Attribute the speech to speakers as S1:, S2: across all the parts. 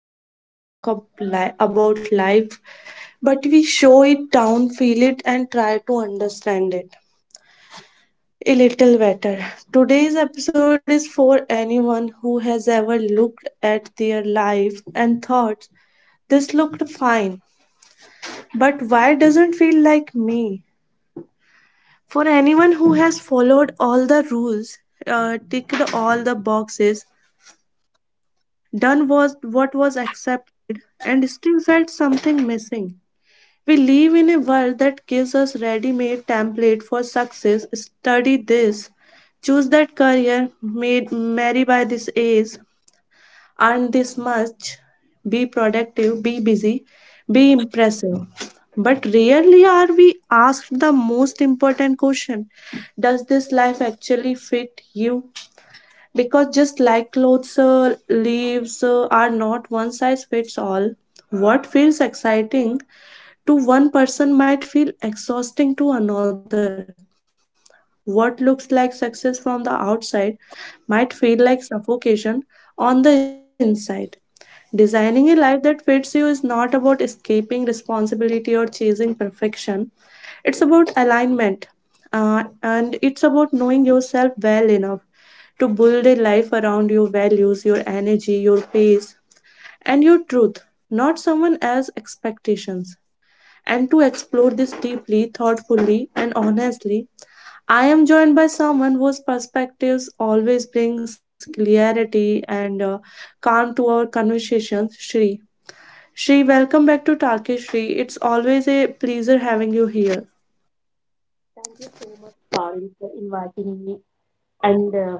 S1: don't just talk about life, but we show it down, feel it, and try to understand it a little better. Today's episode is for anyone who has ever looked at their life and thought, this looked fine, but why doesn't feel like me? For anyone who has followed all the rules, ticked all the boxes, done was what was accepted and still felt something missing. We live in a world that gives us ready-made template for success. Study this, choose that career, made marry by this age, earn this much, be productive, be busy, be impressive. But rarely are we asked the most important question. Does this life actually fit you? Because just like clothes leaves are not one size fits all, what feels exciting to one person might feel exhausting to another. What looks like success from the outside might feel like suffocation on the inside. Designing a life that fits you is not about escaping responsibility or chasing perfection. It's about alignment, and it's about knowing yourself well enough to build a life around your values, your energy, your pace, and your truth, not someone else's expectations. And to explore this deeply, thoughtfully, and honestly, I am joined by someone whose perspectives always brings clarity and calm to our conversations, Shri. Shri, welcome back to Talkish Shri. It's always a pleasure having you here.
S2: Thank you so much, Parul, for inviting me. And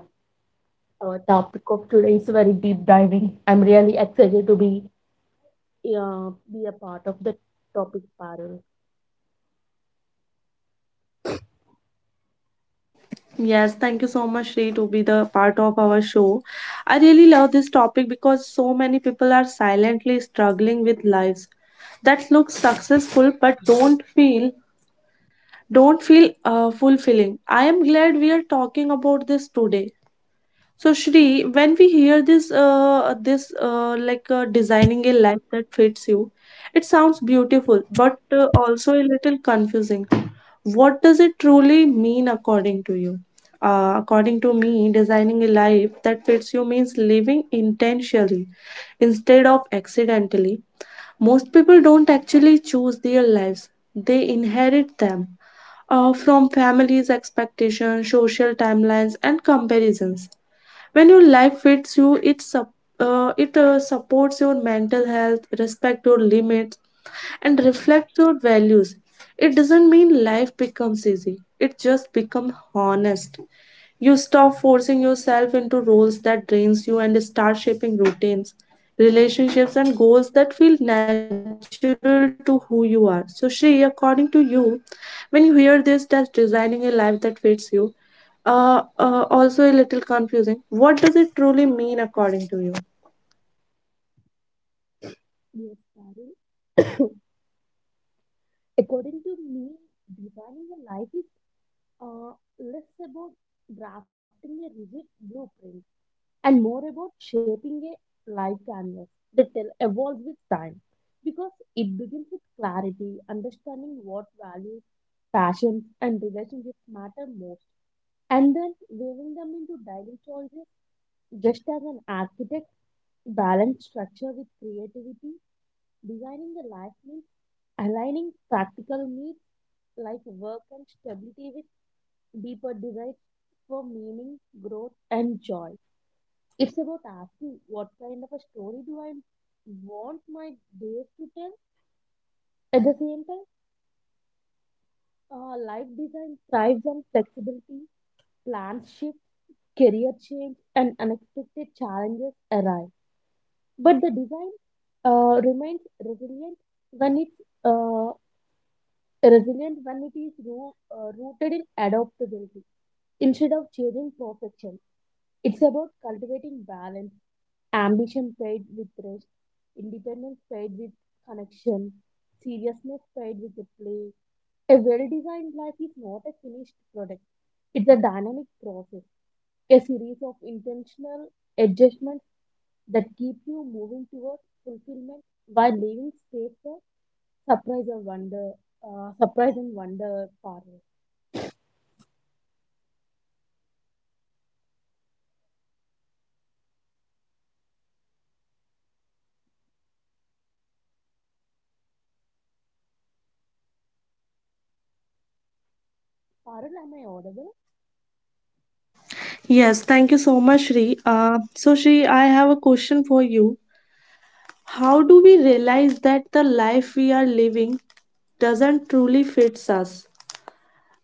S2: our topic of today is very deep diving. I'm really excited to be a part of the topic, Parul.
S1: Yes, thank you so much, Shri, to be the part of our show. I really love this topic because so many people are silently struggling with lives that look successful but don't feel fulfilling. I am glad we are talking about this today. So Shri, when we hear this, designing a life that fits you, it sounds beautiful, but also a little confusing. What does it truly mean according to you? According to me, designing a life that fits you means living intentionally instead of accidentally. Most people don't actually choose their lives, they inherit them from families' expectations, social timelines, and comparisons. When your life fits you, it supports your mental health, respect your limits, and reflect your values. It doesn't mean life becomes easy. It just becomes honest. You stop forcing yourself into roles that drains you and start shaping routines, relationships and goals that feel natural to who you are. So Shri, according to you, when you hear this that's designing a life that fits you, also a little confusing. What does it truly mean according to you?
S2: Yes, Parul. According to me, designing a life is uh, less about drafting a rigid blueprint and more about shaping a life canvas that will evolve with time. Because it begins with clarity, understanding what values passions and relationships matter most. And then weaving them into daily choices, just as an architect balance structure with creativity, designing the life means aligning practical needs like work and stability with deeper desires for meaning, growth, and joy. It's about asking what kind of a story do I want my days to tell. At the same time, life design thrives on flexibility, plans shift career change and unexpected challenges arise. But the design remains resilient when it's uh, when it is rooted in adaptability instead of chasing perfection. It's about cultivating balance, ambition paired with rest, independence paired with connection, seriousness paired with the play. A well-designed life is not a finished product. It's a dynamic process, a series of intentional adjustments that keep you moving towards fulfillment while leaving space for surprise and wonder. Surprise and wonder, Parul. Parul, am I audible?
S1: Yes, thank you so much, Shri. So, Shri, I have a question for you. How do we realize that the life we are living doesn't truly fits us?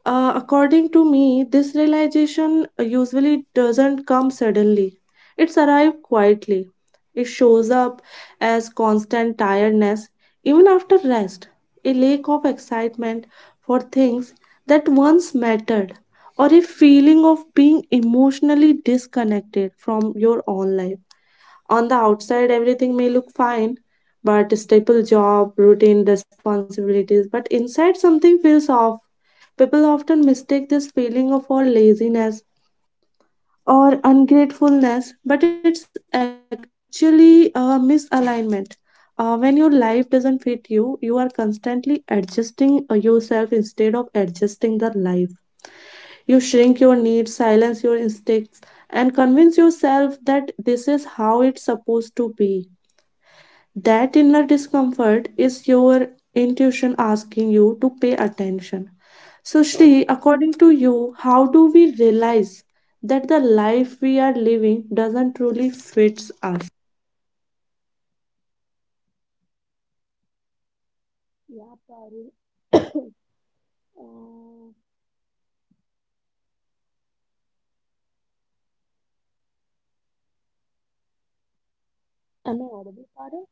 S1: According to me, this realization usually doesn't come suddenly. It's arrived quietly. It shows up as constant tiredness, even after rest, a lack of excitement for things that once mattered, or a feeling of being emotionally disconnected from your own life. On the outside, everything may look fine, but staple job, routine, responsibilities, but inside something feels off. People often mistake this feeling of for laziness or ungratefulness, but it's actually a misalignment. When your life doesn't fit you, you are constantly adjusting yourself instead of adjusting the life. You shrink your needs, silence your instincts, and convince yourself that this is how it's supposed to be. That inner discomfort is your intuition asking you to pay attention. So, Shri, according to you, how do we realize that the life we are living doesn't truly fits us?
S2: Yeah, Parul. uh, am I audible, Parul?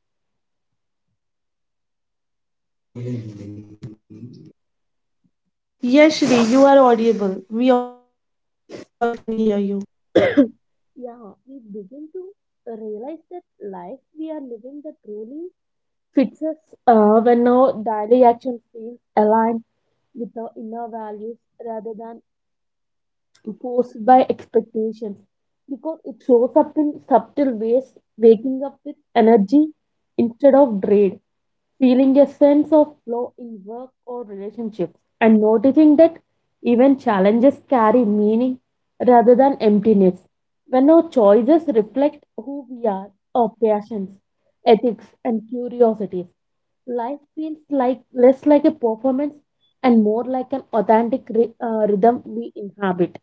S1: Yes, Shri, you are audible. We all can hear you.
S2: Yeah, we begin to realize that life we are living that truly fits us when our daily action feels aligned with our inner values rather than forced by expectations because it shows up in subtle ways, waking up with energy instead of dread, feeling a sense of flow in work or relationships, and noticing that even challenges carry meaning rather than emptiness. When our choices reflect who we are, our passions, ethics, and curiosities, life feels like less like a performance and more like an authentic rhythm we inhabit.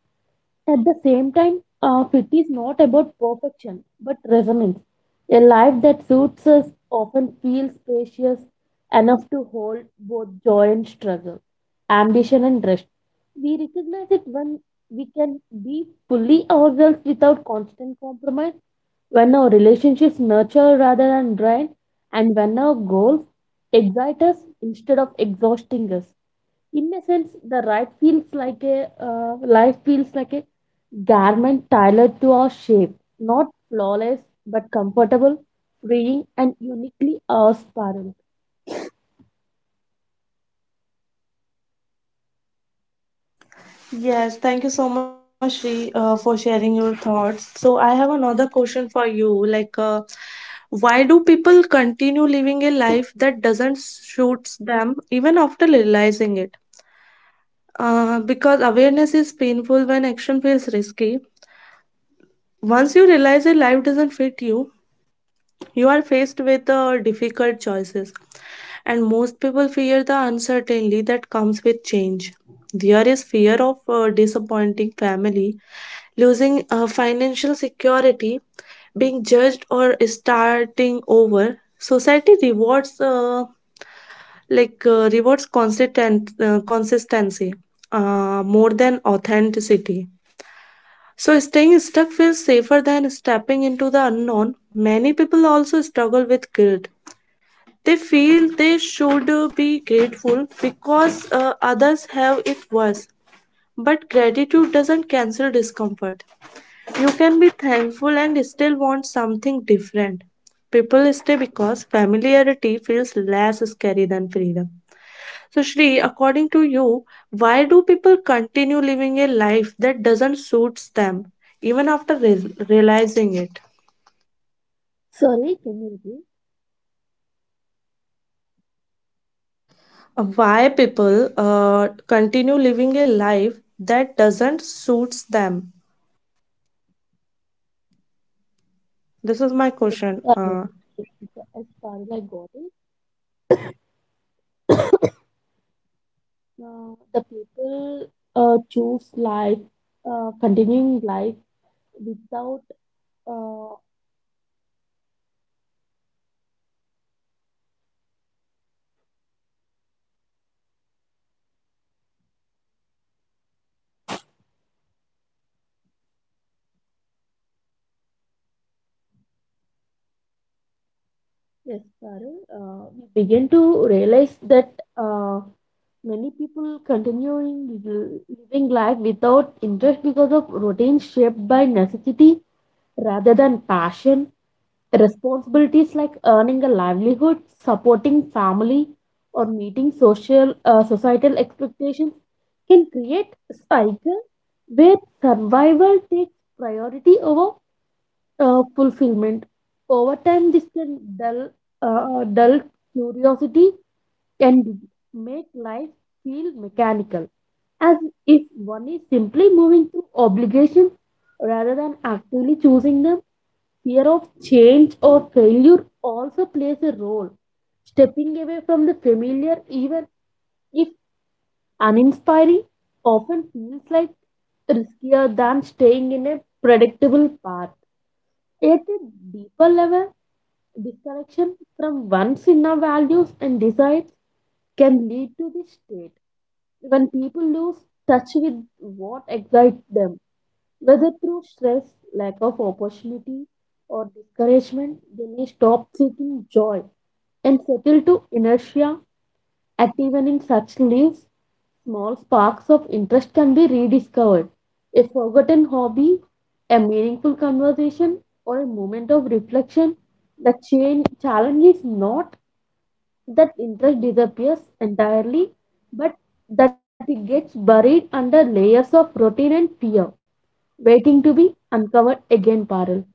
S2: At the same time, fit is not about perfection but resonance. A life that suits us often feels spacious enough to hold both joy and struggle, ambition and rest. We recognize it when we can be fully ourselves without constant compromise, when our relationships nurture rather than drain, and when our goals excite us instead of exhausting us. In a sense, the right feels like a life feels like a garment tailored to our shape, not flawless but comfortable, freeing and uniquely ours, parallel.
S1: Yes, thank you so much, Shri, for sharing your thoughts. So, I have another question for you. Like, why do people continue living a life that doesn't suits them even after realizing it? Because awareness is painful when action feels risky. Once you realize that life doesn't fit you, you are faced with difficult choices. And most people fear the uncertainty that comes with change. There is fear of disappointing family, losing financial security, being judged, or starting over. Society rewards rewards consistent consistency, more than authenticity. So, staying stuck feels safer than stepping into the unknown. Many people also struggle with guilt. They feel they should be grateful because others have it worse. But gratitude doesn't cancel discomfort. You can be thankful and still want something different. People stay because familiarity feels less scary than freedom. So, Shri, according to you, why do people continue living a life that doesn't suits them even after realizing it?
S2: Sorry, can you repeat?
S1: Why people continue living a life that doesn't suits them? This is my question.
S2: Uh, as parallel I got it. The people choose life, continuing life without uh, yes, sorry, We begin to realize that many people continuing living life without interest because of routines shaped by necessity rather than passion, responsibilities like earning a livelihood, supporting family, or meeting social societal expectations can create a cycle where survival takes priority over fulfillment. Over time this can dull curiosity and make life feel mechanical, as if one is simply moving to obligations rather than actively choosing them. Fear of change or failure also plays a role. Stepping away from the familiar, even if uninspiring, often feels like riskier than staying in a predictable path. At a deeper level, disconnection from one's inner values and desires can lead to the state when people lose touch with what excites them. Whether through stress, lack of opportunity, or discouragement, they may stop seeking joy and settle to inertia. At even in such lives, small sparks of interest can be rediscovered. A forgotten hobby, a meaningful conversation, or a moment of reflection. The change challenge is not that interest disappears entirely, but that it gets buried under layers of routine and fear, waiting to be uncovered again, Parul.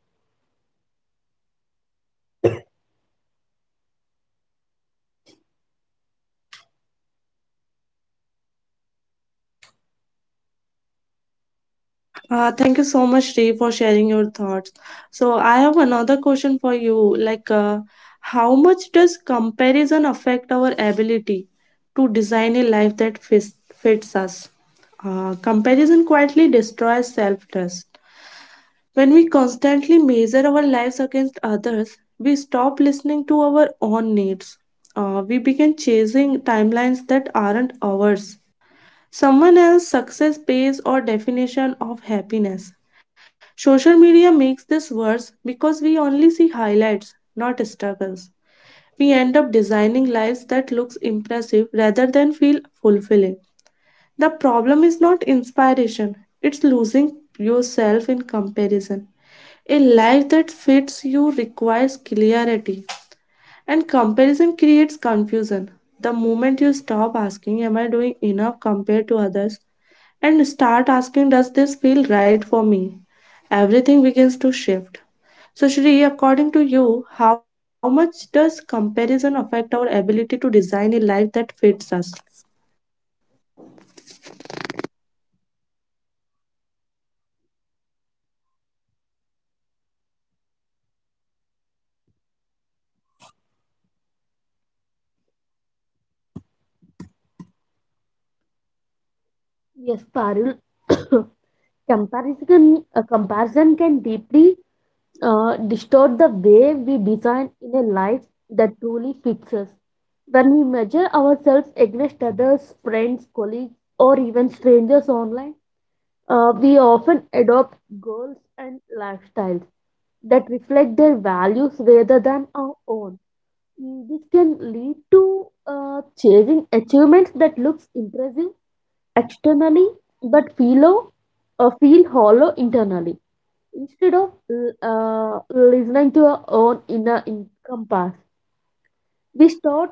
S1: Thank you so much, Dave, for sharing your thoughts. So, I have another question for you. Like, how much does comparison affect our ability to design a life that fits us? Comparison quietly destroys self trust. When we constantly measure our lives against others, we stop listening to our own needs. We begin chasing timelines that aren't ours, someone else's success pays or definition of happiness. Social media makes this worse because we only see highlights, not struggles. We end up designing lives that looks impressive rather than feel fulfilling. The problem is not inspiration, it's losing yourself in comparison. A life that fits you requires clarity, and comparison creates confusion. The moment you stop asking, am I doing enough compared to others? And start asking, does this feel right for me? Everything begins to shift. So, Shri, according to you, how much does comparison affect our ability to design a life that fits us?
S2: Yes, Parul. A comparison can deeply distort the way we design in a life that truly fits us. When we measure ourselves against others, friends, colleagues, or even strangers online, we often adopt goals and lifestyles that reflect their values rather than our own. Mm, this can lead to chasing achievements that looks impressive externally but feel hollow internally. Instead of listening to our own compass, we start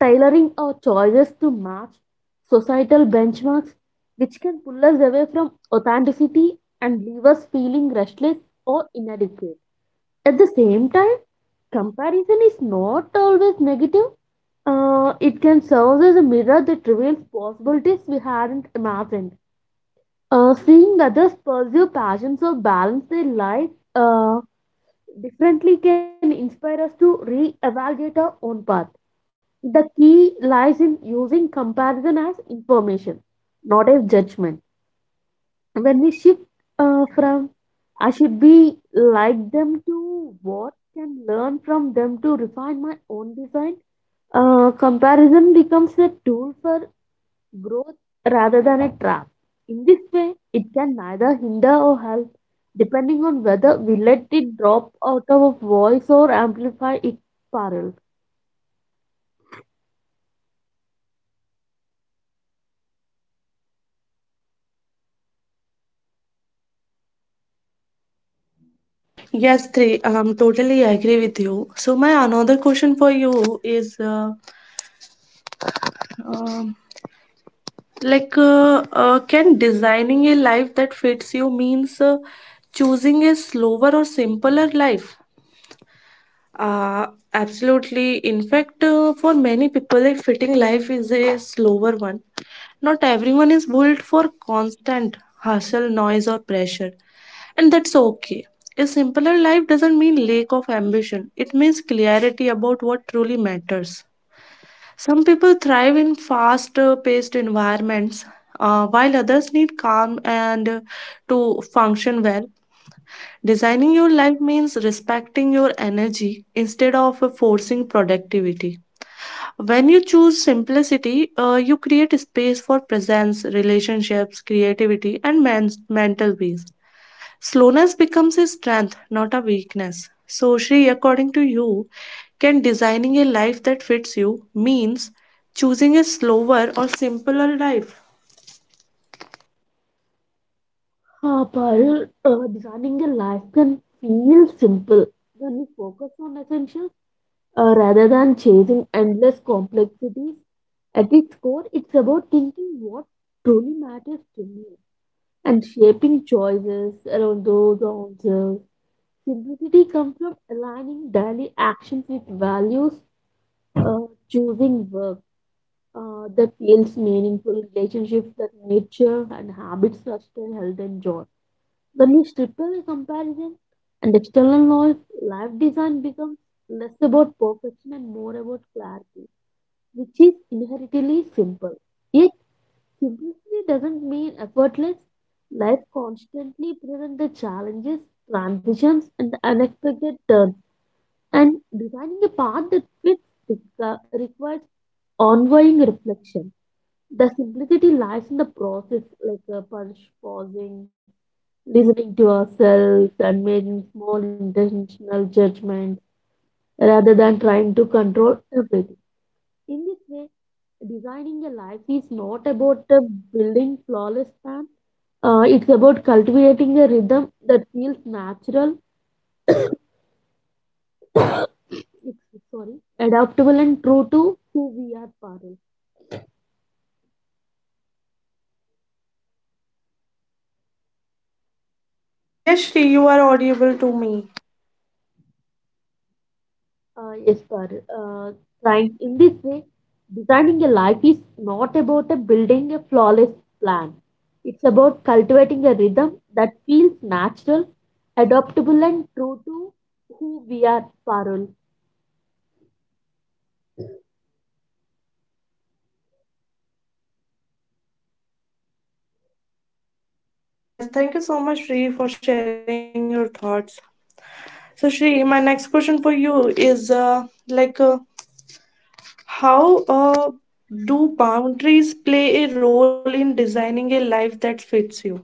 S2: tailoring our choices to match societal benchmarks, which can pull us away from authenticity and leave us feeling restless or inadequate. At the same time, comparison is not always negative. It can serve as a mirror that reveals possibilities we hadn't imagined. Seeing others pursue passions or balance their life uh, differently can inspire us to re-evaluate our own path. The key lies in using comparison as information, not as judgment. When we shift from I should be like them to what can learn from them to refine my own design, comparison becomes a tool for growth rather than a trap. In this way, it can neither hinder or help, depending on whether we let it drop out of our voice or amplify its parallel.
S1: Yes, three. Totally agree with you. So my another question for you is, um, can designing a life that fits you means choosing a slower or simpler life? uh, Absolutely. In fact, for many people a fitting life is a slower one. Not everyone is built for constant hustle, noise or pressure, and that's okay. A simpler life doesn't mean lack of ambition, it means clarity about what truly matters. Some people thrive in fast paced environments, while others need calm and to function well. Designing your life means respecting your energy instead of forcing productivity. When you choose simplicity, you create space for presence, relationships, creativity, and mental peace. Slowness becomes a strength, not a weakness. So, Shri, according to you, can designing a life that fits you means choosing a slower or simpler life?
S2: Parallel, designing a life can feel simple when we focus on essentials rather than chasing endless complexities. At its core, it's about thinking what truly matters to me and shaping choices around those answers. Simplicity comes from aligning daily actions with values, uh, choosing work that feels meaningful, relationships that nature, and habits that sustain health and joy. When we strip away comparison and external noise, life design becomes less about perfection and more about clarity, which is inherently simple. Yet, simplicity doesn't mean effortless. Life constantly presents the challenges, transitions, and unexpected turns, and designing a path that fits requires ongoing reflection. The simplicity lies in the process, like pausing, listening to ourselves, and making small intentional judgments rather than trying to control everything. In this way, designing a life is not about building flawless plans. It's about cultivating a rhythm that feels natural, sorry, adaptable and true to who we are, Parul.
S1: Yes, Shri, you are audible to me.
S2: Yes, Parul. Trying in this way, designing a life is not about a building a flawless plan. It's about cultivating a rhythm that feels natural, adaptable, and true to who we are, Parul.
S1: Yes, thank you so much, Shri, for sharing your thoughts. So, Shri, my next question for you is like, uh, how do boundaries play a role in designing a life that fits you?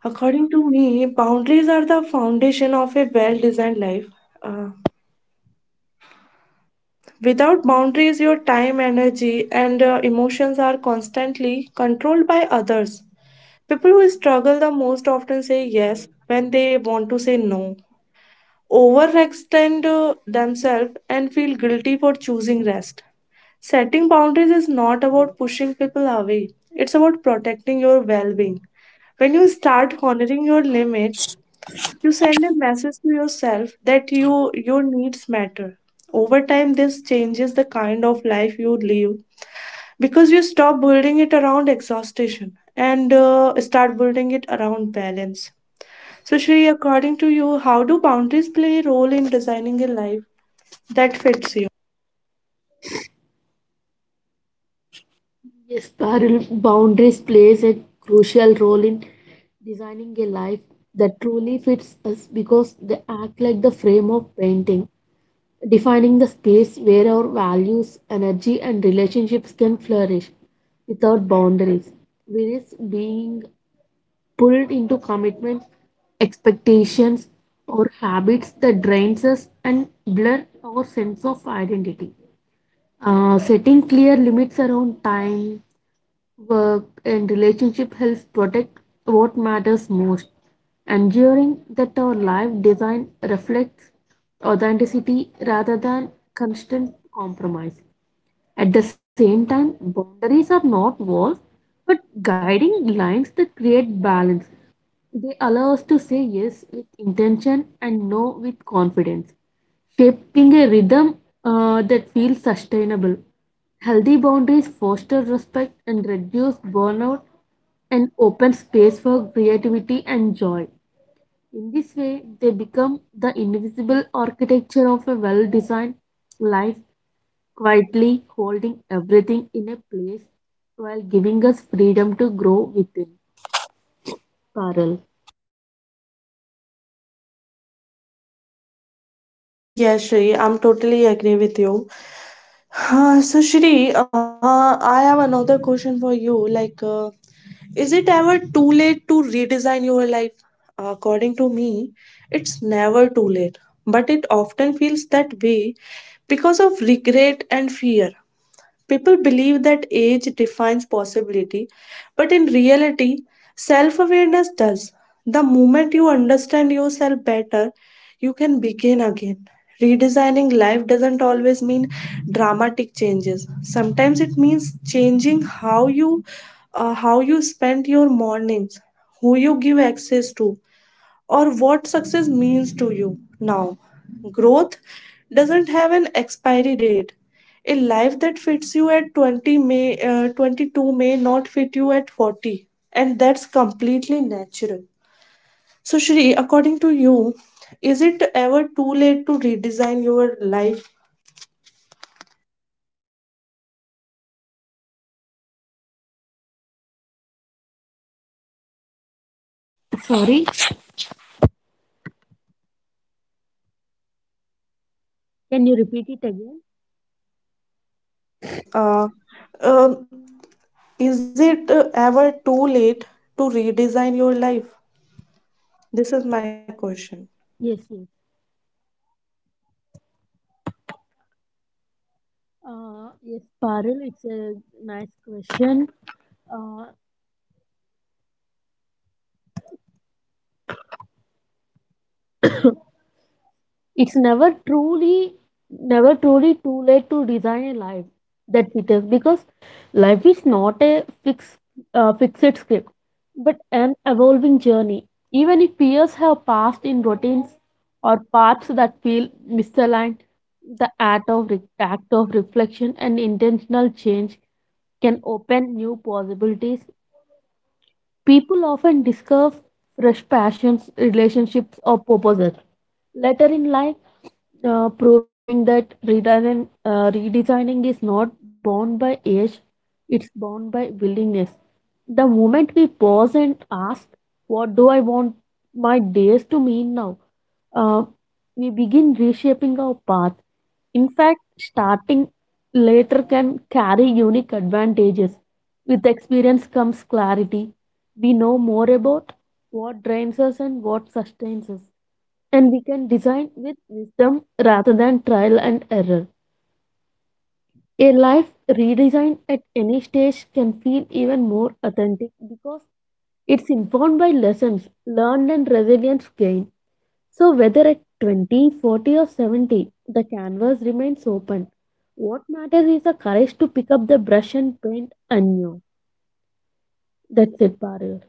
S1: According to me, boundaries are the foundation of a well designed life. Uh, Without boundaries, your time, energy, and emotions are constantly controlled by others. People who struggle the most often say yes when they want to say no, overextend themselves, and feel guilty for choosing rest. Setting boundaries is not about pushing people away, it's about protecting your well being. When you start honoring your limits, you send a message to yourself that your needs matter. Over time, this changes the kind of life you live because you stop building it around exhaustion and start building it around balance. So, Shri, according to you, how do boundaries play a role in designing a life that fits you?
S2: Yes, Parul. Boundaries plays a crucial role in designing a life that truly fits us because they act like the frame of painting, defining the space where our values, energy, and relationships can flourish without boundaries. We risk being pulled into commitments, expectations, or habits that drains us and blur our sense of identity. Setting clear limits around time, work and relationship helps protect what matters most, ensuring that our life design reflects authenticity rather than constant compromise. At the same time, boundaries are not walls but guiding lines that create balance. They allow us to say yes with intention and no with confidence, shaping a rhythm that feels sustainable. Healthy boundaries foster respect and reduce burnout and open space for creativity and joy. In this way, they become the invisible architecture of a well designed life, quietly holding everything in a place while giving us freedom to grow within. Parallel.
S1: Yes, Shri, I'm totally agree with you. So Shri, I have another question for you. Like, is it ever too late to redesign your life? According to me, it's never too late, but it often feels that way because of regret and fear. People believe that age defines possibility, but in reality, self awareness does. The moment you understand yourself better, you can begin again. Redesigning life doesn't always mean dramatic changes. Sometimes it means changing how you spend your mornings, who you give access to, or what success means to you now. Growth doesn't have an expiry date. A life that fits you at 20 may uh, 22 may not fit you at 40, and that's completely natural. So, Shri, according to you, is it ever too late to redesign your life?
S2: Sorry. Can you repeat it again?
S1: Yes. Um, is it ever too late to redesign your life? This is my question.
S2: Yes, yes. Yes, Parul, it's a nice question. Uh, it's never truly too late to design a life that fits us because life is not a fixed script, but an evolving journey. Even if years have passed in routines or paths that feel misaligned, the act of reflection and intentional change can open new possibilities. People often discover fresh passions, relationships, or purposes later in life, proving that redesigning is not bound by age, it's bound by willingness. The moment we pause and ask, what do I want my days to mean now? uh, we begin reshaping our path. In fact, starting later can carry unique advantages. With experience comes clarity. We know more about what drains us and what sustains us. And we can design with wisdom rather than trial and error. A life redesigned at any stage can feel even more authentic because it's informed by lessons learned and resilience gained. So, whether at 20, 40, or 70, the canvas remains open. What matters is the courage to pick up the brush and paint anew. That's it, Parul.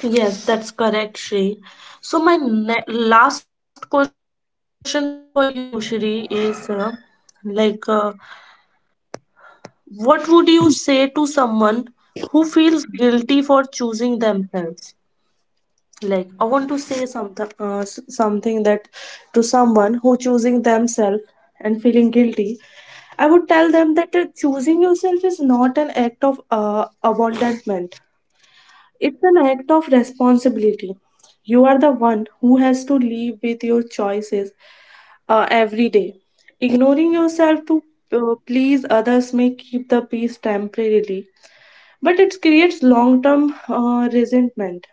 S1: Yes, that's correct, Shri. So my ne last question for you, Shri, is like, uh, what would you say to someone who feels guilty for choosing themselves? Like, I want to say something something that to someone who choosing themselves and feeling guilty. I would tell them that choosing yourself is not an act of abandonment, it's an act of responsibility. You are the one who has to live with your choices every day. Ignoring yourself to please others may keep the peace temporarily, but it creates long term resentment.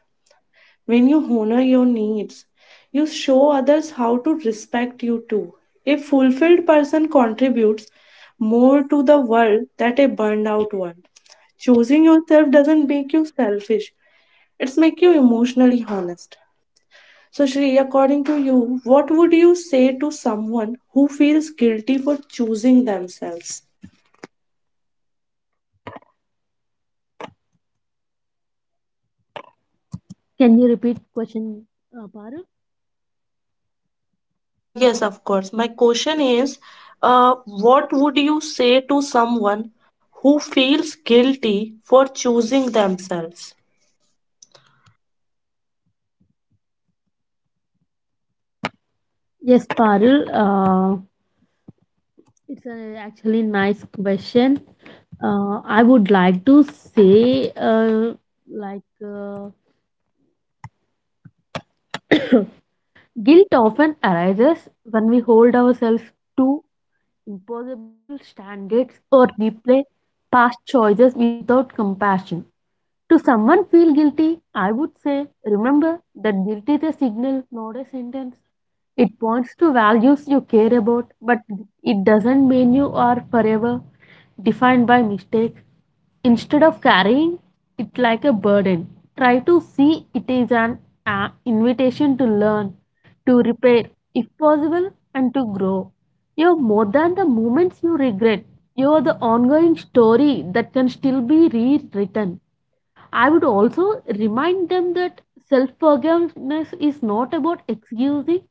S1: When you honor your needs, you show others how to respect you too. A fulfilled person contributes more to the world than a burned out one. Choosing yourself doesn't make you selfish, it's make you emotionally honest. So Shri, according to you, what would you say to someone who feels guilty for choosing themselves?
S2: Can you repeat question, Parul?
S1: Ah, yes, of course. My question is, what would you say to someone who feels guilty for choosing themselves?
S2: Yes, Parul. It's a actually nice question. I would like to say, like, guilt often arises when we hold ourselves too impossible standards or replay past choices without compassion. To someone feel guilty, I would say, remember that guilt is a signal, not a sentence. It points to values you care about, but it doesn't mean you are forever defined by mistake. Instead of carrying it like a burden, try to see it as an invitation to learn, to repair, if possible, and to grow. You're more than the moments you regret. You're the ongoing story that can still be rewritten. I would also remind them that self forgiveness is not about excusing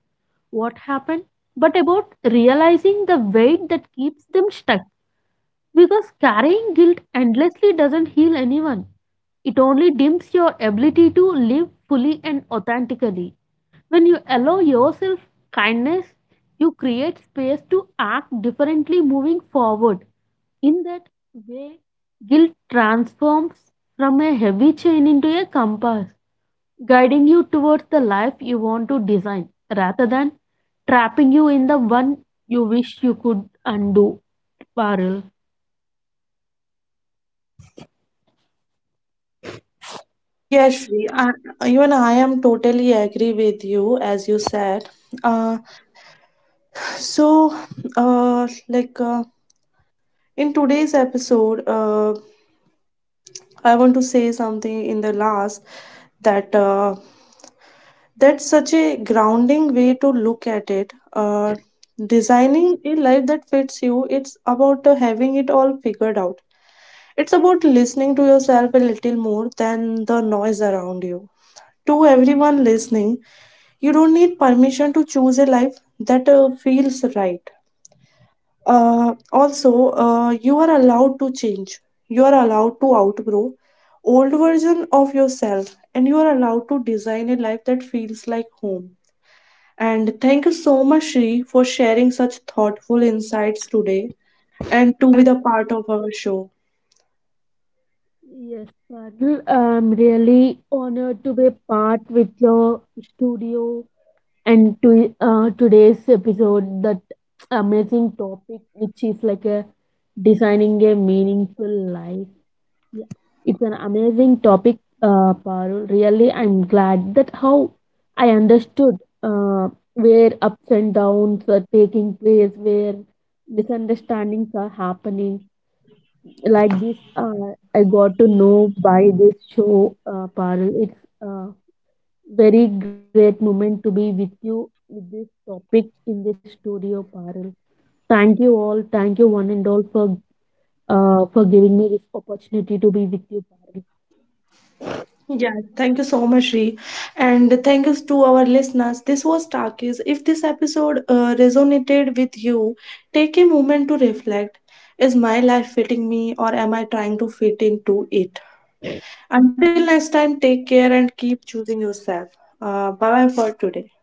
S2: what happened, but about realizing the weight that keeps them stuck. Because carrying guilt endlessly doesn't heal anyone. It only dims your ability to live fully and authentically. When you allow yourself kindness, you create space to act differently moving forward. In that way, guilt transforms from a heavy chain into a compass, guiding you towards the life you want to design rather than trapping you in the one you wish you could undo. Parul.
S1: Yes, Shri, I, even I am totally agree with you as you said. Uh, so, uh, like uh, in today's episode, I want to say something in the last that that's such a grounding way to look at it. Designing a life that fits you, it's about having it all figured out. It's about listening to yourself a little more than the noise around you. To everyone listening, you don't need permission to choose a life that feels right. Also, you are allowed to change. You are allowed to outgrow old version of yourself, and you are allowed to design a life that feels like home. And thank you so much, Shri, for sharing such thoughtful insights today and to be the part of our show.
S2: Yes, Badal, I'm really honored to be part with your studio and to today's episode that amazing topic which is like a designing a meaningful life. Yeah. It's an amazing topic, Parul. Really, I'm glad that how I understood uh, where ups and downs are taking place, where misunderstandings are happening like this. I got to know by this show, Parul. It's a very great moment to be with you with this topic in this studio, Parul. Thank you all, thank you one and all for giving me this opportunity to be with you, Parul.
S1: Yeah, thank you so much, Shri. And thank you to our listeners. This was Takis. If this episode resonated with you, take a moment to reflect. Is my life fitting me or am I trying to fit into it? Until next time, take care and keep choosing yourself. Bye bye for today.